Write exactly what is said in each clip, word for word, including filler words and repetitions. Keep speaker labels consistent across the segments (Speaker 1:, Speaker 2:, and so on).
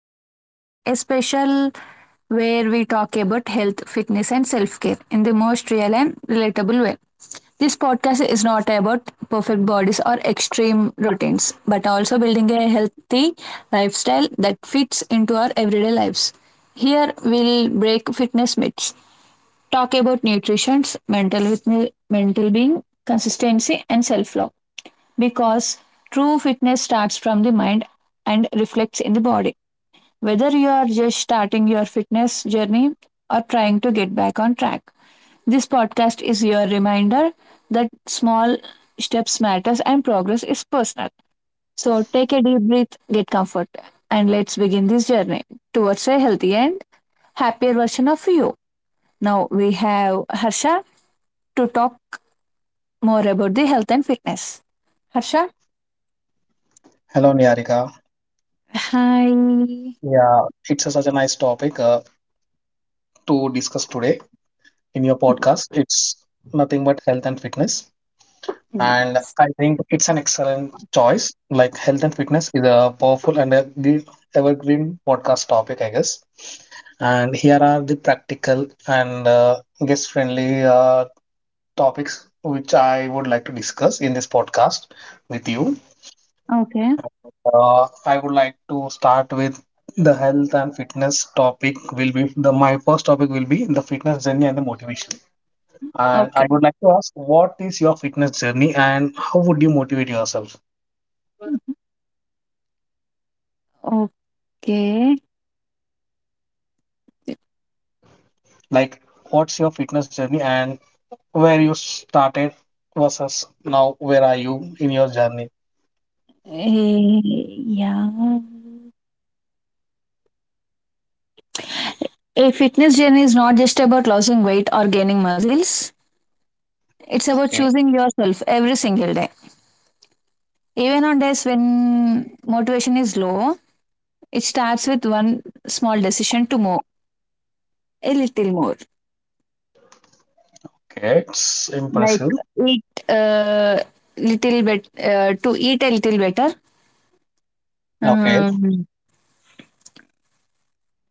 Speaker 1: Podcast, a special where we talk about health, fitness, and self care in the most real and relatable way. This podcast is not about perfect bodies or extreme routines, but also building a healthy lifestyle that fits into our everyday lives. Here we'll break fitness myths, talk about nutrition, mental with mental being, consistency, and self love because true fitness starts from the mind and reflects in the body. Whether you are just starting your fitness journey or trying to get back on track, this podcast is your reminder that small steps matters and progress is personal. So take a deep breath, get comfort, and let's begin this journey towards a healthy and happier version of you. Now we have Harsha to talk more about the health and fitness. Harsha?
Speaker 2: Hello, Niharika.
Speaker 1: Hi.
Speaker 2: Yeah, it's a- such a nice topic uh, to discuss today in your podcast. It's nothing but health and fitness.
Speaker 1: Yeah.
Speaker 2: And I think it's an excellent choice. Like, health and fitness is a powerful and a g- evergreen podcast topic, I guess. And here are the practical and uh, guest friendly uh, topics which I would like to discuss in this podcast with you.
Speaker 1: Okay.
Speaker 2: Uh, I would like to start with the health and fitness topic will be the my first topic will be the fitness journey and the motivation. And I
Speaker 1: Okay.
Speaker 2: would like to ask, what is your fitness journey and how would you motivate yourself?
Speaker 1: Okay. Eh,
Speaker 2: Like, what's your fitness journey and where you started versus now, where are you in your journey?
Speaker 1: yeah. A fitness journey is not just about losing weight or gaining muscles. It's about
Speaker 2: Okay,
Speaker 1: choosing yourself every single day. Even on days when motivation is low, it starts with one small decision to move a little more.
Speaker 2: okay, it's
Speaker 1: Like
Speaker 2: impressive.
Speaker 1: eat a little bit, uh, to eat a little better.
Speaker 2: Okay,
Speaker 1: Um,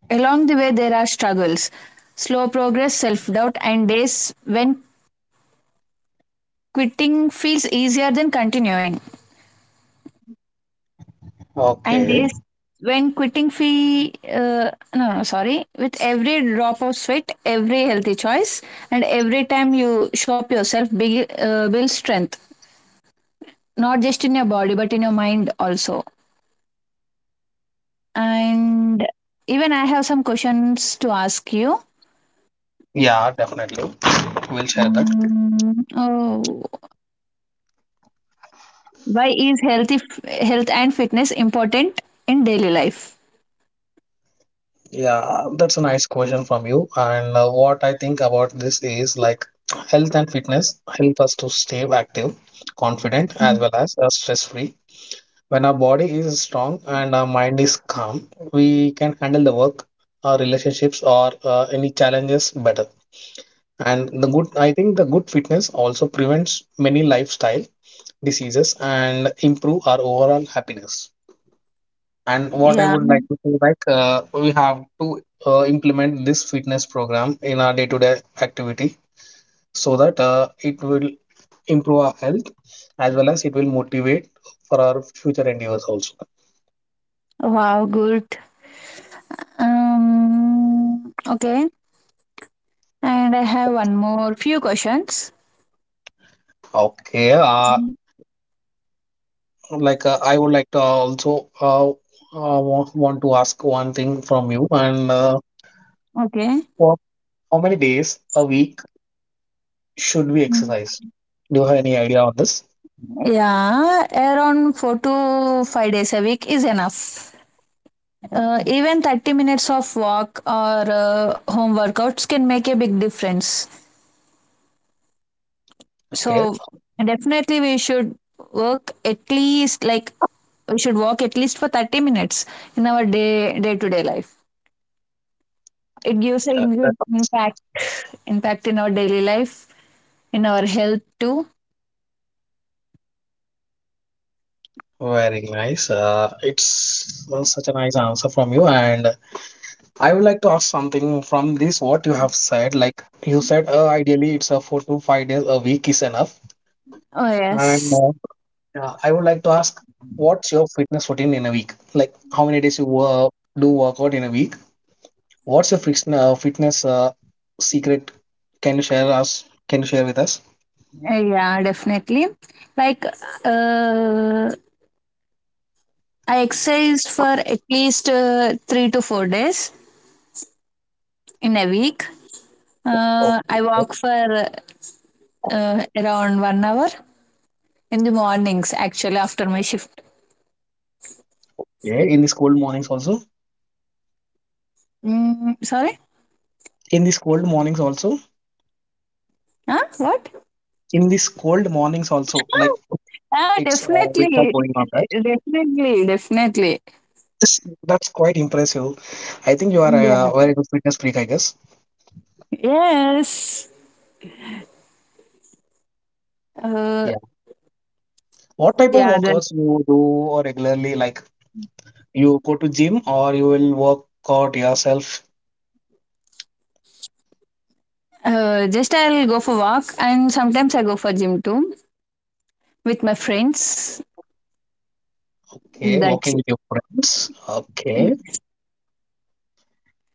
Speaker 1: Along the way, there are struggles, slow progress, self doubt, and days when quitting feels easier than continuing. And
Speaker 2: okay.
Speaker 1: days when quitting fee uh, No, sorry, with every drop of sweat, every healthy choice, and every time you show up yourself big, uh, build strength not just in your body but in your mind also. And even I have some questions to ask you.
Speaker 2: Yeah, definitely. We'll share that.
Speaker 1: Mm. Oh, why is healthy f- health and fitness important in daily life?
Speaker 2: Yeah, that's a nice question from you. And uh, what I think about this is, like, health and fitness help us to stay active, confident, as well as uh, stress free. When our body is strong and our mind is calm, we can handle the work, our relationships, or uh, any challenges better. And the good, I think the good fitness also prevents many lifestyle diseases and improve our overall happiness. And what I
Speaker 1: Yeah.
Speaker 2: would like to say, like, uh, we have to uh, implement this fitness program in our day-to-day activity so that uh, it will improve our health as well as it will motivate for our future endeavors also.
Speaker 1: Wow, good. Um, okay. And I have one more few questions.
Speaker 2: Okay, uh, like uh, I would like to also uh, uh, wa- want to ask one thing from you, and uh,
Speaker 1: Okay.
Speaker 2: for how many days a week should we exercise? Do you have any idea on this?
Speaker 1: Yeah, around four to five days a week is enough. Uh, even thirty minutes of walk or uh, home workouts can make a big difference.
Speaker 2: Okay.
Speaker 1: So, definitely, we should work at least like we should walk at least for thirty minutes in our day day to day life. It gives a good impact impact in our daily life in our health too.
Speaker 2: Very nice. Uh, it's well, such a nice answer from you. And I would like to ask something from this what you have said. Like you said, uh, ideally it's a four to five days a week is enough.
Speaker 1: Oh
Speaker 2: And
Speaker 1: yes.
Speaker 2: uh, yeah, I would like to ask, what's your fitness routine in a week? Like, how many days you uh, do workout in a week? What's your fitness uh, fitness uh, secret? Can you share us? Can you share with us?
Speaker 1: Uh, yeah, definitely. Like, uh, I exercise for at least uh, three to four days in a week. Uh, I
Speaker 2: Okay.
Speaker 1: walk for uh, around one hour in the mornings. Actually, after my shift.
Speaker 2: Yeah. In these cold mornings also.
Speaker 1: Mm, sorry.
Speaker 2: In these cold mornings also.
Speaker 1: Huh? What?
Speaker 2: In these cold mornings also. Like.
Speaker 1: Ah,
Speaker 2: It's uh, we are
Speaker 1: definitely,
Speaker 2: going on, right?
Speaker 1: definitely, definitely.
Speaker 2: This, that's quite impressive. I think you are
Speaker 1: Yeah.
Speaker 2: uh, a very good fitness freak, I guess.
Speaker 1: Yes. Uh,
Speaker 2: Yeah. What type of
Speaker 1: yeah, that
Speaker 2: workouts you do regularly? Like, you go to gym or you will work out yourself?
Speaker 1: Uh, just I'll go for walk, and sometimes I go for gym too with my friends.
Speaker 2: Okay,
Speaker 1: That's
Speaker 2: working with your friends. Okay,
Speaker 1: it.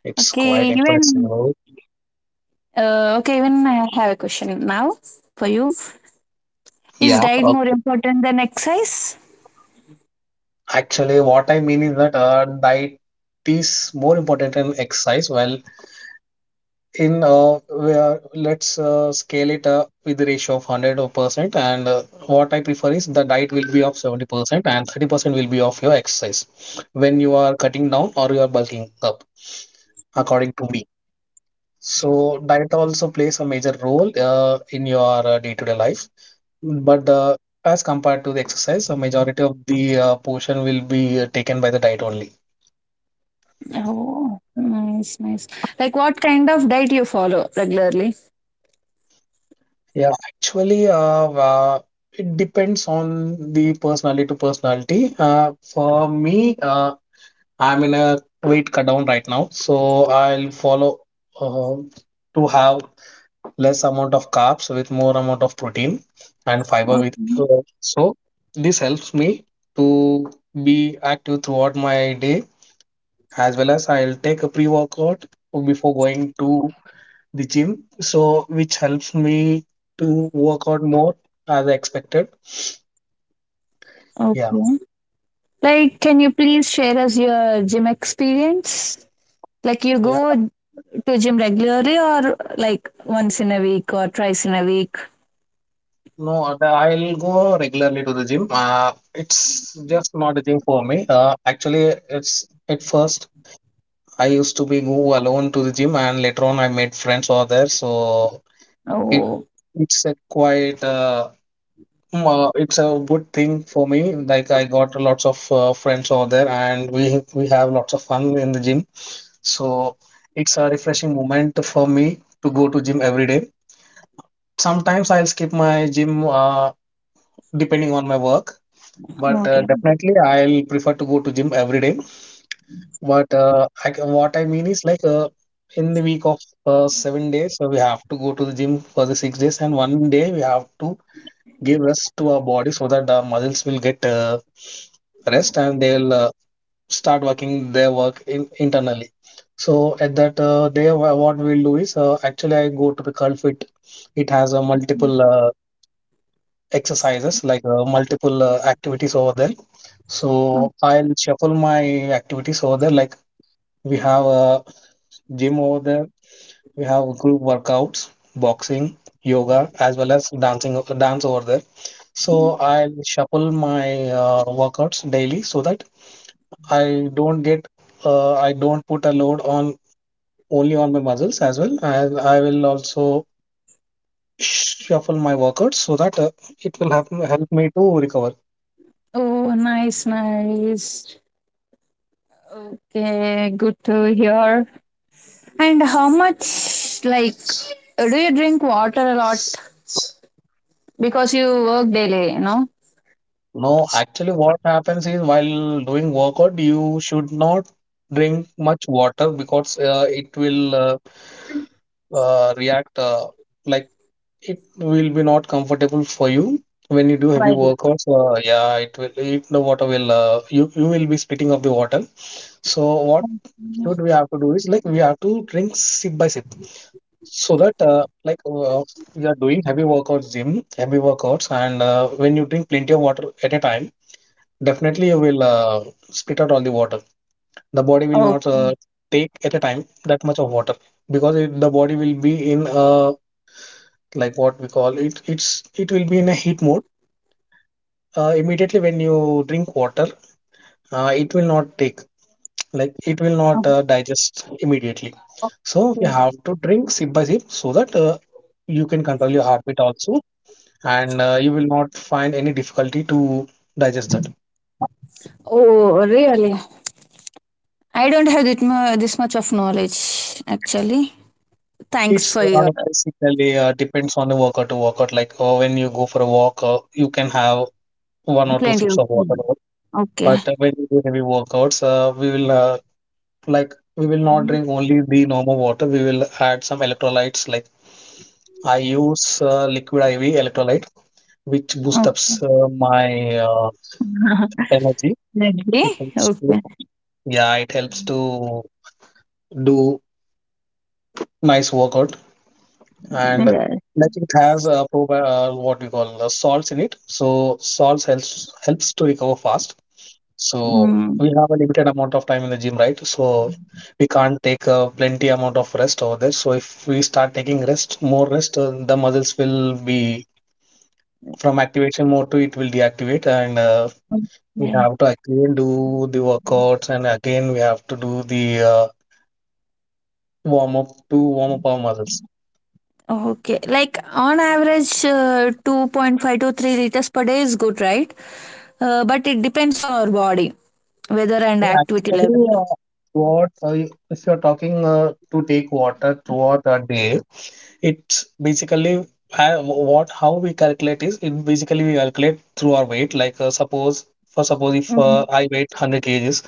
Speaker 2: it's quite
Speaker 1: Okay.
Speaker 2: impressive.
Speaker 1: Even uh, okay. Even I have a question now for you. Is
Speaker 2: Yeah.
Speaker 1: diet
Speaker 2: Okay.
Speaker 1: more important than exercise?
Speaker 2: Actually, what I mean is that uh, diet is more important than exercise. Well, in uh, where let's uh, scale it uh, with the ratio of one hundred percent, and uh, what I prefer is the diet will be of seventy percent and thirty percent will be of your exercise when you are cutting down or you are bulking up, according to me. So diet also plays a major role uh, in your uh, day-to-day life, but uh, as compared to the exercise, a majority of the uh, portion will be uh, taken by the diet only.
Speaker 1: Oh, nice, nice. Like, what kind of diet you follow regularly?
Speaker 2: Yeah, actually, uh, uh, it depends on the personality to personality. Uh, for me, uh, I'm in a weight cut down right now, so I'll follow uh, to have less amount of carbs with more amount of protein and fiber with.
Speaker 1: Okay.
Speaker 2: So so this helps me to be active throughout my day, as well as I'll take a pre-workout before going to the gym, so which helps me to work out more as I expected. Yeah.
Speaker 1: Okay. Like, can you please share us your gym experience? Like, you
Speaker 2: Yeah.
Speaker 1: go to gym regularly, or like once in a week, or twice in a week?
Speaker 2: No, the- I'll go regularly to the gym. Uh, it's just not a gym for me. Uh, actually, it's at first I used to be go alone to the gym, and later on I made friends over there. So it
Speaker 1: Oh.
Speaker 2: it's a quite uh, mm, uh, it's a good thing for me. Like, I got lots of uh, friends over there, and we we have lots of fun in the gym. So it's a refreshing moment for me to go to gym every day. Sometimes I'll skip my gym uh, depending on my work, but uh,
Speaker 1: Okay.
Speaker 2: definitely I'll prefer to go to gym every day. But uh, I, what I mean is like uh, in the week of uh, seven days, so we have to go to the gym for the six days, and one day we have to give rest to our body so that the muscles will get uh, rest and they'll uh, start working their work in, internally. So at that uh, day, wha- what we'll do is uh, actually I go to the Curl Fit. It has uh, multiple uh, exercises, like uh, multiple uh, activities over there.
Speaker 1: Mm.
Speaker 2: So I'll shuffle my activities over there. Like, we have a gym over there. We have group workouts, boxing, yoga, as well as dancing, dance over there. So I'll shuffle my uh, workouts daily so that I don't get uh, I don't put a load on only on my muscles as well. I I will also shuffle my workouts so that uh, it will help help me to recover.
Speaker 1: Oh, nice, nice. Okay, good to hear. And how much, like, do you drink water a lot? Because you work daily, you know?
Speaker 2: No, actually, what happens is while doing workout, you should not drink much water because uh, it will uh, uh, react uh, like, it will be not comfortable for you when you do heavy
Speaker 1: Right.
Speaker 2: workouts. Uh, yeah, it will. It, the water will. Uh, you you will be spitting up the water. So what what we have to do is, like, we have to drink sip by sip so that uh, like uh, we are doing heavy workouts gym heavy workouts, and uh, when you drink plenty of water at a time, definitely you will uh, spit out all the water. The body will
Speaker 1: Oh,
Speaker 2: not uh, take at a time that much of water, because it, the body will be in uh, like, what we call it it's, it will be in a heat mode. Uh, immediately when you drink water, uh, it will not take, like, it will not uh, digest immediately. So you
Speaker 1: okay.
Speaker 2: have to drink sip by sip so that uh, you can control your heartbeat also, and uh, you will not find any difficulty to digest that.
Speaker 1: Oh, really? I don't have that mu- this much of knowledge, actually. Thanks
Speaker 2: It's
Speaker 1: for
Speaker 2: uh,
Speaker 1: your
Speaker 2: basically uh, depends on the workout to workout. Like uh, when you go for a walk, uh, you can have one or two
Speaker 1: plenty
Speaker 2: sips
Speaker 1: of
Speaker 2: of water,
Speaker 1: feedback. Okay.
Speaker 2: but uh, when you do heavy workouts, uh, we will uh, like, we will not drink only the normal water, we will add some electrolytes. Like, I use uh, liquid I V electrolyte which boosts up
Speaker 1: Okay.
Speaker 2: uh, my uh, energy.
Speaker 1: Lovely.
Speaker 2: It helps to,
Speaker 1: Okay.
Speaker 2: yeah, it helps to do nice workout. And
Speaker 1: Yeah.
Speaker 2: like, it has a prob uh, what we call uh, salts in it. So salts helps helps to recover fast. So we
Speaker 1: Mm.
Speaker 2: have a limited amount of time in the gym, right? So we can't take a plenty amount of rest over there. So if we start taking rest, more rest, uh, the muscles will be from activation mode to it will deactivate, and uh, we
Speaker 1: Okay.
Speaker 2: have to again do the workouts, and again we have to do the uh, warm up to warm up our muscles.
Speaker 1: Okay, like on average, uh, two point five to three liters per day is good, right? Uh, but it depends on our body, weather, and
Speaker 2: Yeah,
Speaker 1: activity level.
Speaker 2: actually, uh, what uh, you- if you're talking uh, to take water throughout a day, it's basically ha- what how we calculate is, it basically we calculate through our weight. Like uh, suppose for suppose if uh,
Speaker 1: Mm.
Speaker 2: I weight one hundred kgs,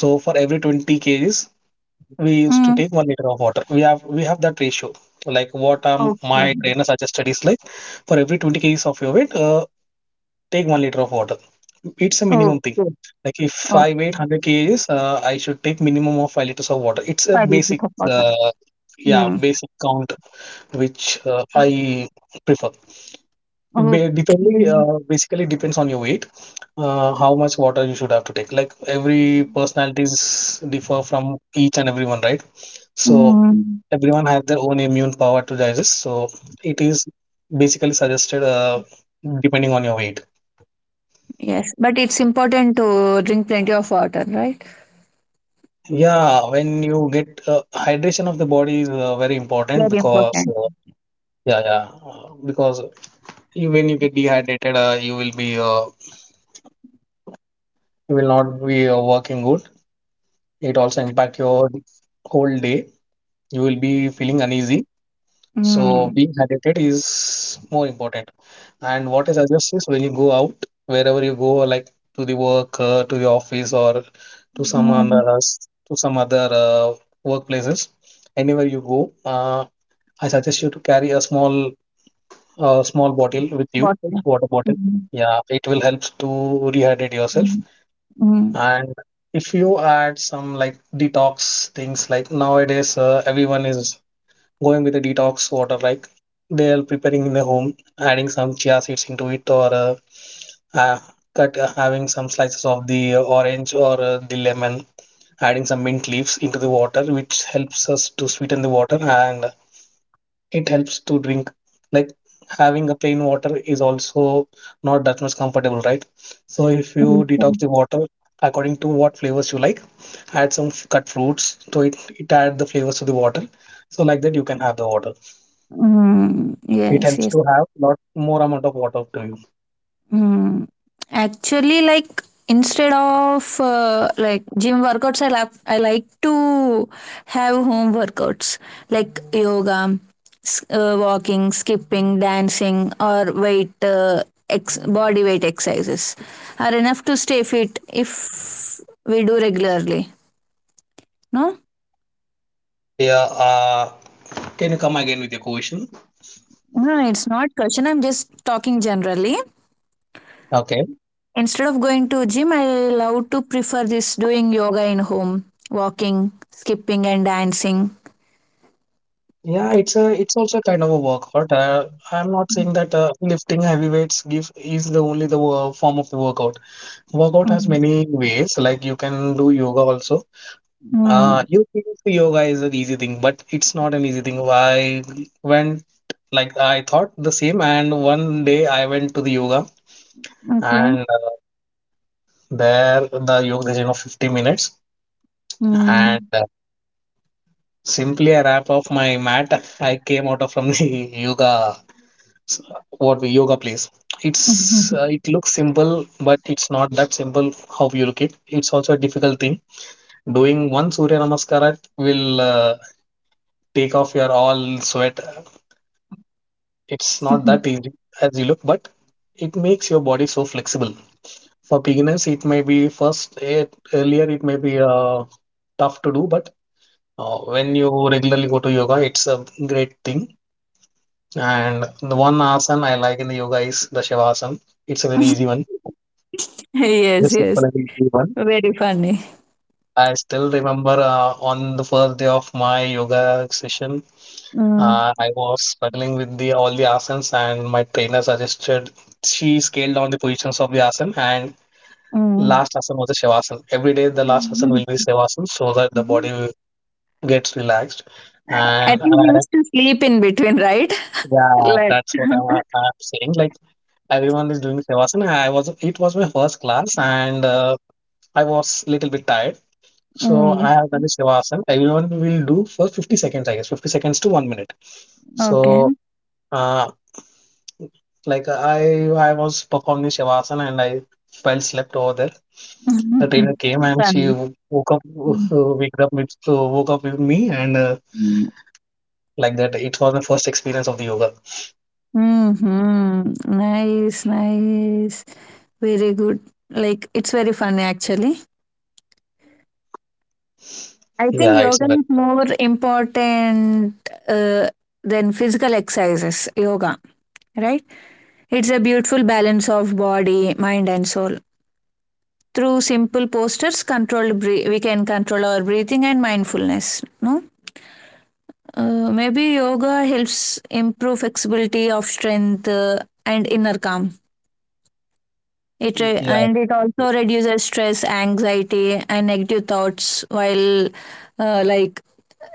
Speaker 2: so for every twenty kgs we used to
Speaker 1: Mm.
Speaker 2: take one liter of water. We have we have that ratio. Like, what um,
Speaker 1: Okay.
Speaker 2: my trainer suggested is like, for every twenty kgs of your weight, uh, take one liter of water. It's a minimum thing.
Speaker 1: Okay.
Speaker 2: Like, if
Speaker 1: Oh,
Speaker 2: I weigh one hundred kgs, uh, I should take minimum of five liters of water. It's a
Speaker 1: five liters
Speaker 2: basic,
Speaker 1: of water.
Speaker 2: uh, yeah,
Speaker 1: Mm.
Speaker 2: basic count which uh, I prefer. It ba- depending,
Speaker 1: Okay.
Speaker 2: uh, basically depends on your weight, uh, how much water you should have to take. Like, every personalities differ from each and everyone, right? So
Speaker 1: Mm.
Speaker 2: everyone have their own immune power to digest, so it is basically suggested uh, depending on your weight.
Speaker 1: Yes, but it's important to drink plenty of water, right?
Speaker 2: Yeah, when you get uh, hydration of the body is uh, very important,
Speaker 1: Very
Speaker 2: because
Speaker 1: important.
Speaker 2: uh, yeah yeah uh, because you, when you get dehydrated, uh, you will be uh, you will not be uh, working good. It also impact your whole day. You will be feeling uneasy. So
Speaker 1: Mm.
Speaker 2: being hydrated is more important. And what I suggest is, when you go out, wherever you go, like to the work, uh, to the office, or to some other
Speaker 1: Mm.
Speaker 2: s- to some other uh, workplaces, anywhere you go, uh, I suggest you to carry a small uh, small bottle with you,
Speaker 1: Water.
Speaker 2: water bottle.
Speaker 1: Mm.
Speaker 2: Yeah, it will help to rehydrate yourself.
Speaker 1: Mm. Mm.
Speaker 2: And if you add some like detox things, like nowadays uh, everyone is going with the detox water, like they're preparing in the home, adding some chia seeds into it or uh, uh, cut uh, having some slices of the uh, orange or uh, the lemon, adding some mint leaves into the water, which helps us to sweeten the water, and it helps to drink. Like having a plain water is also not that much comfortable, right? So if you detox the water according to what flavors you like, add some f- cut fruits, so it, it add the flavors to the water. So like that you can have the water.
Speaker 1: Mm.
Speaker 2: It
Speaker 1: Yes,
Speaker 2: helps
Speaker 1: yes.
Speaker 2: to have lot more amount of water to use.
Speaker 1: Hmm. Actually, like instead of uh, like gym workouts, I lap I like to have home workouts like yoga, s- uh, walking, skipping, dancing, or weight uh, ex- body weight exercises are enough to stay fit if we do regularly. No,
Speaker 2: Yeah. Uh, can you come again with your question?
Speaker 1: no, no, it's not question. I'm just talking generally.
Speaker 2: Okay.
Speaker 1: Instead of going to gym, I love to prefer this, doing yoga in home, walking, skipping, and dancing.
Speaker 2: Yeah, it's a it's also kind of a workout. Uh, I'm not saying that uh, lifting heavy weights give is the only the wo- form of the workout. Workout has
Speaker 1: Mm,
Speaker 2: many ways. Like you can do yoga also. Uh,
Speaker 1: mm,
Speaker 2: you think yoga is an easy thing, but it's not an easy thing. I went, like I thought the same, and one day I went to the yoga,
Speaker 1: okay,
Speaker 2: and there the yoga session of fifty minutes. And
Speaker 1: mm.
Speaker 2: uh, simply a wrap of my mat. I came out of from the yoga, s- what we yoga place. It's uh, it looks simple, but it's not that simple. How you look it, it's also a difficult thing. Doing one Surya Namaskara will uh, take off your all sweat. It's not that easy as you look, but it makes your body so flexible. For beginners, it may be first eh, earlier it may be uh, tough to do. But Uh, when you regularly go to yoga, it's a great thing. And the one asana I like in the yoga is the Shavasana. It's a very easy one.
Speaker 1: Yes,
Speaker 2: It's
Speaker 1: yes,
Speaker 2: simple and easy one.
Speaker 1: very funny.
Speaker 2: I still remember uh, on the first day of my yoga session,
Speaker 1: Mm,
Speaker 2: uh, I was struggling with the all the asanas, and my trainer suggested, she scaled down the positions of the asana, and
Speaker 1: mm.
Speaker 2: last asana was the Shavasana. Every day, the last asana will be Shavasana, so that the body will- gets relaxed.
Speaker 1: I
Speaker 2: And
Speaker 1: think he
Speaker 2: I,
Speaker 1: used to sleep in between, right?
Speaker 2: yeah,
Speaker 1: Like.
Speaker 2: that's what I'm, I'm saying. Like everyone is doing Shavasana. I was It was my first class, and uh, I was little bit tired. So I
Speaker 1: Mm,
Speaker 2: have done the Shavasana. Everyone will do for fifty seconds, I guess, fifty seconds to one minute.
Speaker 1: okay.
Speaker 2: So uh, like I I was performing the Shavasana, and I fell slept over there. The trainer came, and she
Speaker 1: Funny.
Speaker 2: wo- woke up
Speaker 1: Mm,
Speaker 2: woke up with uh, woke up with me, and uh,
Speaker 1: mm.
Speaker 2: like that. It was my first experience of the yoga.
Speaker 1: Mhm. Nice, nice. Very good. Like, it's very funny actually. I think
Speaker 2: Yeah, it's
Speaker 1: yoga
Speaker 2: like.
Speaker 1: is more important uh, than physical exercises. Yoga, right? It's a beautiful balance of body, mind, and soul. Through simple postures, controlled bre- we can control our breathing and mindfulness. No, uh, maybe yoga helps improve flexibility of strength uh, and inner calm. It re-
Speaker 2: Yeah,
Speaker 1: and it also reduces stress, anxiety, and negative thoughts while uh, like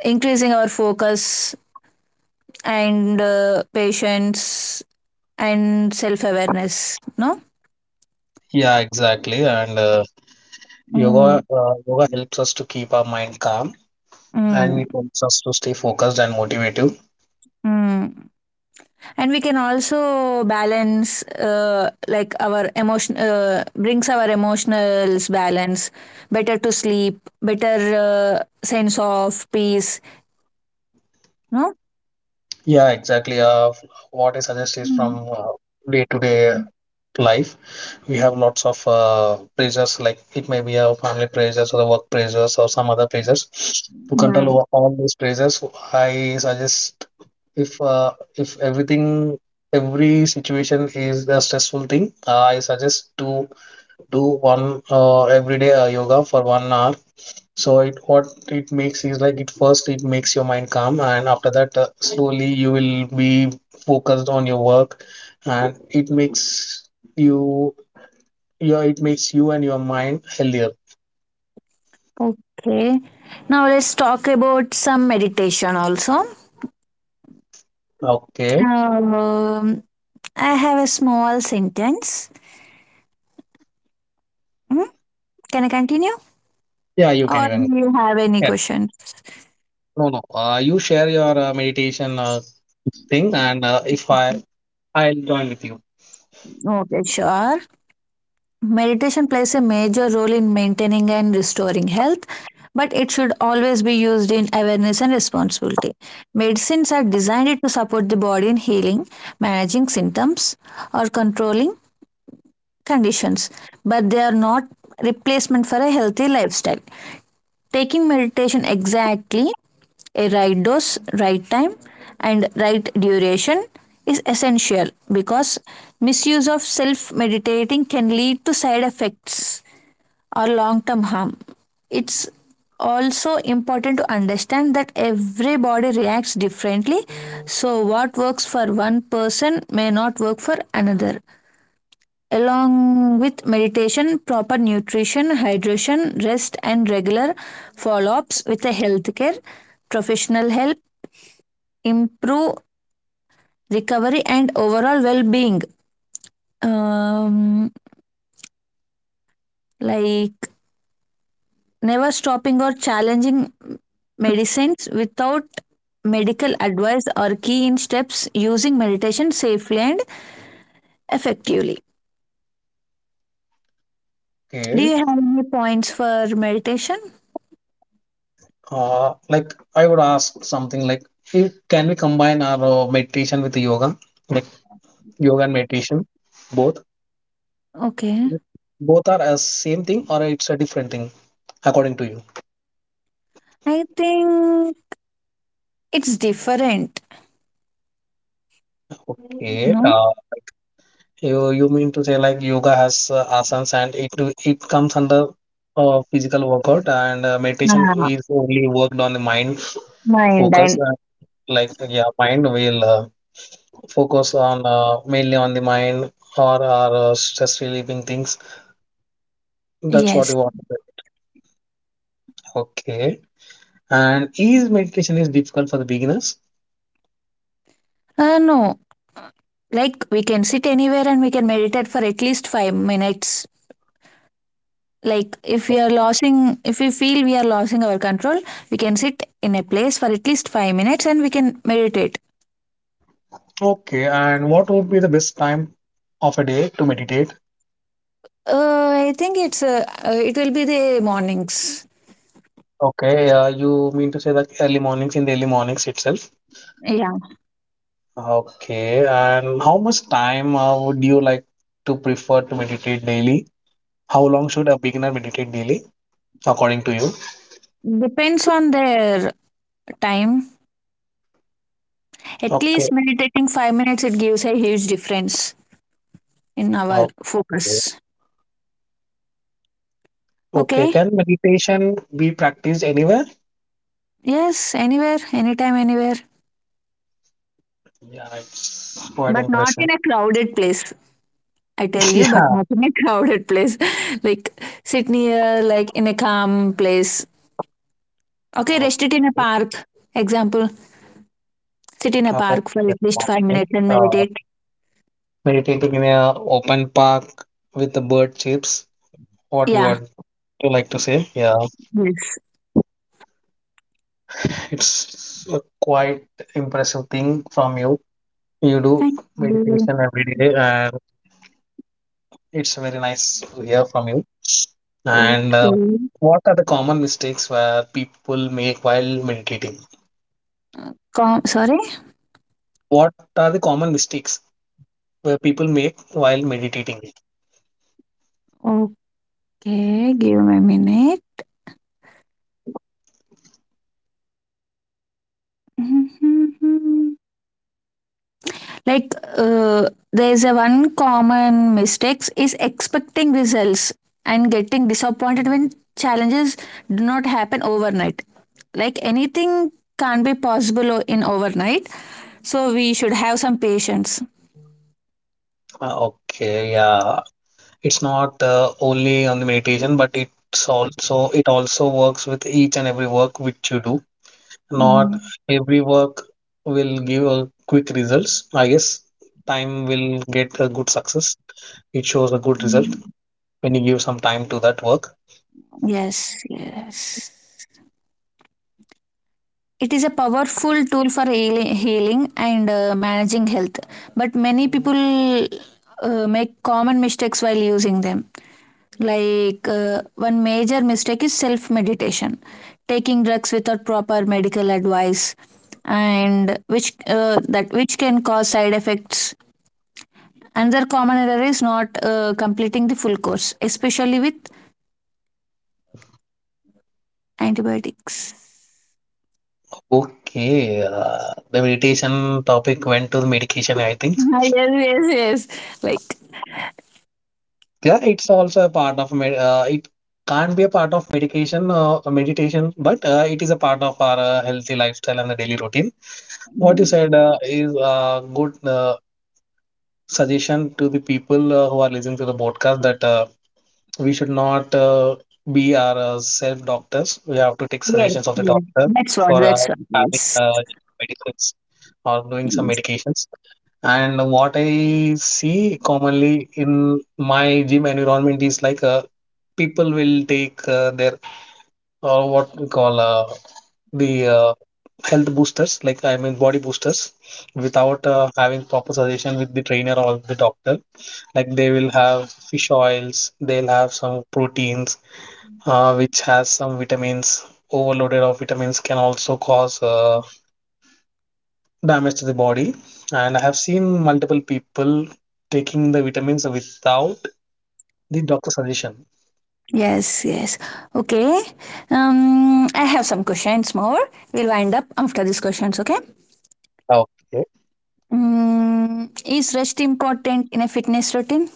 Speaker 1: increasing our focus and uh, patience and self awareness. No.
Speaker 2: yeah, exactly. And Uh,
Speaker 1: Mm,
Speaker 2: Yoga, uh, yoga helps us to keep our mind calm. And
Speaker 1: mm,
Speaker 2: it helps us to stay focused and motivated.
Speaker 1: mm. And we can also balance uh, like our emotion, uh, brings our emotionals balance, better to sleep, better uh, sense of peace. No.
Speaker 2: Yeah, exactly. Uh, what I suggest is,
Speaker 1: Mm.
Speaker 2: from uh, day-to-day life, we have lots of uh, pressures, like it may be a family pressures or the work pressures or some other pressures. To control
Speaker 1: Yeah.
Speaker 2: over all these pressures, I suggest if uh, if everything, every situation is a stressful thing, I suggest to do one uh, every day uh, yoga for one hour. So it what it makes is like it first it makes your mind calm, and after that uh, slowly you will be focused on your work, and it makes you, yeah, it makes you and your mind healthier.
Speaker 1: Okay. Now let's talk about some meditation also.
Speaker 2: Okay,
Speaker 1: Um, I have a small sentence. Hmm? Can I continue?
Speaker 2: yeah, you can
Speaker 1: Or
Speaker 2: even.
Speaker 1: do you have any
Speaker 2: Yeah,
Speaker 1: questions?
Speaker 2: no, no, uh, you share your uh, meditation uh, thing, and uh, if I I'll join with you.
Speaker 1: Okay, sure. Meditation plays a major role in maintaining and restoring health, but it should always be used in awareness and responsibility. Medicines are designed to support the body in healing, managing symptoms, or controlling conditions, but they are not replacement for a healthy lifestyle. Taking meditation exactly a right dose, right time, and right duration is essential because misuse of self meditating can lead to side effects or long term harm. It's also important to understand that every body reacts differently, so what works for one person may not work for another. Along with meditation, proper nutrition, hydration, rest, and regular follow ups with a healthcare professional help improve recovery and overall well being. Um, like, never stopping or challenging medicines without medical advice are key in steps using meditation safely and effectively. Do
Speaker 2: Okay,
Speaker 1: you have any points for meditation?
Speaker 2: uh, like I would ask something like, if can we combine our uh, meditation with the yoga, like yoga and meditation both?
Speaker 1: Okay.
Speaker 2: Both are a same thing or it's a different thing, according to you.
Speaker 1: I think it's different,
Speaker 2: Okay.
Speaker 1: no?
Speaker 2: Uh, you you mean to say like yoga has uh, asanas, and it do- it comes under uh, physical workout, and uh, meditation
Speaker 1: Uh,
Speaker 2: is only worked on the mind
Speaker 1: Mind
Speaker 2: focus.
Speaker 1: and
Speaker 2: Uh, like, yeah, mind will uh, focus on, uh, mainly on the mind or or uh, stress relieving things. That's what
Speaker 1: yes.
Speaker 2: you want. to say. Okay. And is meditation is difficult for the beginners?
Speaker 1: Uh, no, like we can sit anywhere and we can meditate for at least five minutes. Like if we are losing, if we feel we are losing our control, we can sit in a place for at least five minutes and we can meditate.
Speaker 2: Okay, and what would be the best time of a day to meditate?
Speaker 1: Uh, I think it's uh, uh, it will be the mornings.
Speaker 2: Okay, uh, you mean to say that early mornings, in the early mornings itself?
Speaker 1: Yeah,
Speaker 2: Okay, and how much time uh, would you like to prefer to meditate daily? How long should a beginner meditate daily, according to you?
Speaker 1: depends on their time. At
Speaker 2: Okay,
Speaker 1: least meditating five minutes, it gives a huge difference in our
Speaker 2: okay,
Speaker 1: focus.
Speaker 2: okay.
Speaker 1: Okay.
Speaker 2: Can meditation be practiced anywhere?
Speaker 1: Yes, anywhere, anytime, anywhere.
Speaker 2: Yeah, it's quite
Speaker 1: But not
Speaker 2: impressive.
Speaker 1: in a crowded place, I tell you, but
Speaker 2: Yeah,
Speaker 1: not in a crowded place. Like, sit near, like in a calm place. Okay, rest it in a
Speaker 2: okay,
Speaker 1: park. Example, sit in a
Speaker 2: okay.
Speaker 1: park for
Speaker 2: That's
Speaker 1: at least five
Speaker 2: fine.
Speaker 1: minutes and meditate.
Speaker 2: Meditating in a open park with the bird chips. What you
Speaker 1: Yeah,
Speaker 2: would you like to say? Yeah,
Speaker 1: yes.
Speaker 2: it's a quite impressive thing from you. You do
Speaker 1: Thank you.
Speaker 2: meditation every day, and it's very nice to hear from you. And uh,
Speaker 1: Okay.
Speaker 2: what are the common mistakes where people make while meditating?
Speaker 1: Com- sorry?
Speaker 2: What are the common mistakes where people make while meditating?
Speaker 1: Okay, give me a minute. Like, uh, there's a one common mistakes is expecting results and getting disappointed when challenges do not happen overnight. Like anything can't be possible in overnight, so we should have some patience.
Speaker 2: Uh, okay, yeah, it's not uh, only on the meditation, but it's also it also works with each and every work which you do. Not
Speaker 1: Mm-hmm.
Speaker 2: every work will give a quick results. I guess time will get a good success. It shows a good result when you give some time to that work.
Speaker 1: Yes, yes. It is a powerful tool for healing and uh, managing health, but many people uh, make common mistakes while using them. Like, uh, one major mistake is self meditation, taking drugs without proper medical advice, and which uh, that which can cause side effects. Another common error is not uh, completing the full course, especially with antibiotics.
Speaker 2: Okay, uh, the meditation topic went to the medication, I think.
Speaker 1: Ah, yes, yes, yes. Like.
Speaker 2: Yeah, it's also a part of med uh, it can't be a part of medication uh, meditation, but uh, it is a part of our uh, healthy lifestyle and the daily routine. What you
Speaker 1: Mm.
Speaker 2: said uh, is a good uh, suggestion to the people uh, who are listening to the podcast, that uh, we should not uh, be our uh, self doctors. We have to take
Speaker 1: Yes,
Speaker 2: suggestions of the
Speaker 1: yes.
Speaker 2: doctor
Speaker 1: That's what,
Speaker 2: for uh,
Speaker 1: that's what.
Speaker 2: having
Speaker 1: Yes.
Speaker 2: uh, medicines or doing some
Speaker 1: Yes,
Speaker 2: medications. And what I see commonly in my gym environment is like uh, people will take uh, their, or what we call uh, the uh, health boosters, like I mean body boosters, without uh, having proper suggestion with the trainer or the doctor. Like, they will have fish oils, they'll have some proteins, uh, which has some vitamins. Overloaded of vitamins can also cause uh, damage to the body. And I have seen multiple people taking the vitamins without the doctor's suggestion.
Speaker 1: yes. Yes. Okay. Um, I have some questions more. We'll wind up after these questions, okay?
Speaker 2: Okay.
Speaker 1: Mm, is rest important in a fitness routine?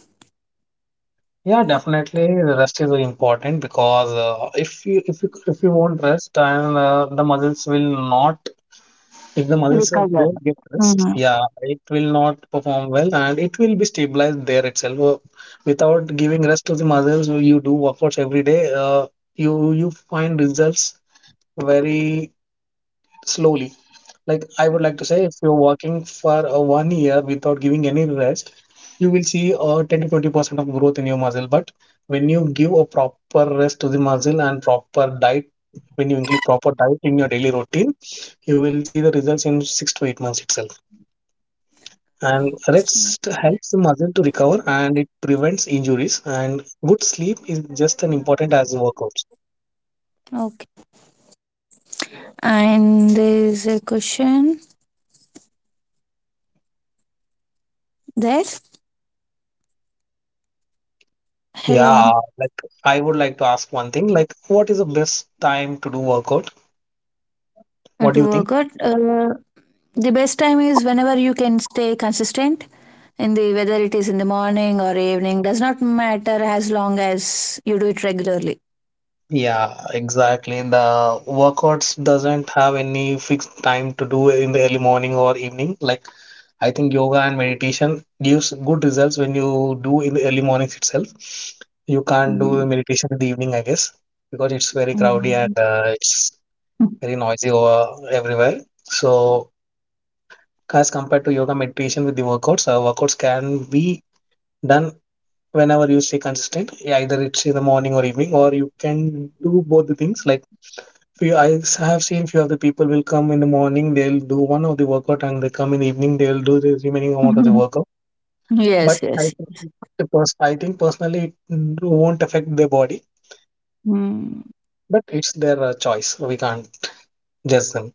Speaker 2: Yeah, definitely. The rest is very important, because uh, if you if you if you won't rest, and uh, the muscles will not. If the muscles
Speaker 1: Recover.
Speaker 2: don't get rest, yeah, it will not perform well, and it will be stabilized there itself. Uh, Without giving rest to the muscles, you do workouts every day, uh, you you find results very slowly. Like I would like to say, if you're working for a one year without giving any rest, you will see a ten to twenty percent of growth in your muscle. But when you give a proper rest to the muscle and proper diet, when you include proper diet in your daily routine, you will see the results in six to eight months itself. And rest helps the muscle to recover, and it prevents injuries. And good sleep is just as important as workouts.
Speaker 1: Question there. Hello.
Speaker 2: Yeah, like I would like to ask one thing, like what is the best time to do workout?
Speaker 1: Uh,
Speaker 2: What
Speaker 1: to
Speaker 2: do you think?
Speaker 1: workout. Uh, the best time is whenever you can stay consistent in the whether it is in the morning or evening does not matter as long as you do it regularly.
Speaker 2: Yeah, exactly. The workouts doesn't have any fixed time to do in the early morning or evening. Like I think yoga and meditation gives good results when you do in the early mornings itself. You can't do
Speaker 1: Mm,
Speaker 2: meditation in the evening, I guess, because it's very crowded, and
Speaker 1: mm.
Speaker 2: uh, it's very noisy over everywhere. So as compared to yoga meditation with the workouts, uh, workouts can be done whenever you stay consistent. Either it's in the morning or evening, or you can do both the things, like, few I s- have seen few of the people will come in the morning, they'll do one of the workout, and they come in the evening, they'll do the remaining amount of the workout.
Speaker 1: Yes,
Speaker 2: But I
Speaker 1: yes.
Speaker 2: think the pers- I think personally it n- won't affect their body,
Speaker 1: Mm.
Speaker 2: but it's their uh, choice. We can't judge them.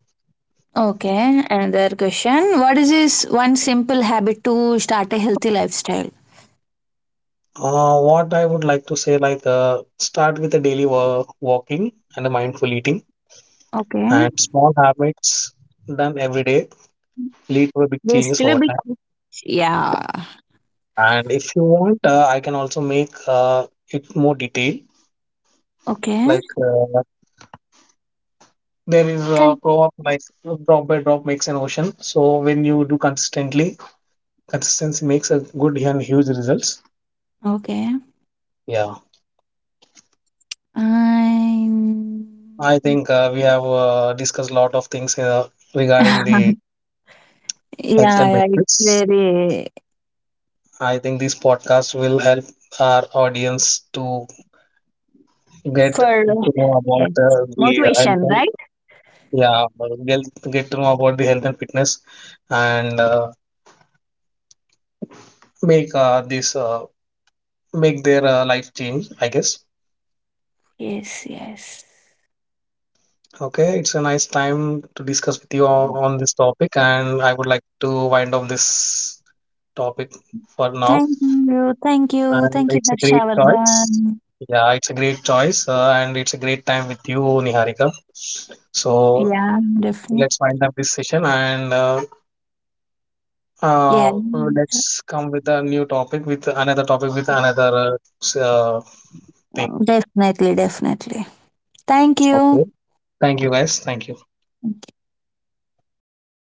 Speaker 1: Okay, another question. What is this one simple habit to start a healthy lifestyle?
Speaker 2: Uh, what I would like to say, like, uh, start with a daily wa- walking and a mindful eating,
Speaker 1: Okay.
Speaker 2: and small habits done every day lead to big
Speaker 1: Waste
Speaker 2: changes
Speaker 1: to
Speaker 2: over
Speaker 1: be.
Speaker 2: time.
Speaker 1: Yeah.
Speaker 2: And if you want, uh, I can also make uh, it more detailed,
Speaker 1: Okay.
Speaker 2: like. Uh, There is a
Speaker 1: Can.
Speaker 2: proverb like drop by drop makes an ocean. So when you do consistently, consistency makes a good and huge results.
Speaker 1: Okay.
Speaker 2: Yeah, I
Speaker 1: I'm.
Speaker 2: think uh, we have uh, discussed a lot of things uh, regarding the health
Speaker 1: Yeah,
Speaker 2: and
Speaker 1: yeah, it's
Speaker 2: benefits.
Speaker 1: very,
Speaker 2: I think this podcast will help our audience to get
Speaker 1: for,
Speaker 2: to know
Speaker 1: yes.
Speaker 2: about uh, the health,
Speaker 1: Motivation,
Speaker 2: and
Speaker 1: right?
Speaker 2: yeah, get get to know about the health and fitness, and uh, make uh, this uh, make their uh, life change, I guess.
Speaker 1: Yes, yes.
Speaker 2: Okay, it's a nice time to discuss with you on, on this topic, and I would like to wind up this topic for now.
Speaker 1: Thank you, thank you,
Speaker 2: And
Speaker 1: thank you,
Speaker 2: it's a great choice.
Speaker 1: Harshavadan.
Speaker 2: Yeah, it's a great choice, uh, and it's a great time with you, Niharika. So
Speaker 1: Yeah, definitely.
Speaker 2: let's wind up this session, and uh,
Speaker 1: Yeah,
Speaker 2: uh, let's come with a new topic, with another topic, with another uh, s- uh, thing.
Speaker 1: definitely, definitely. Thank you.
Speaker 2: Okay. Thank you, guys. Thank you.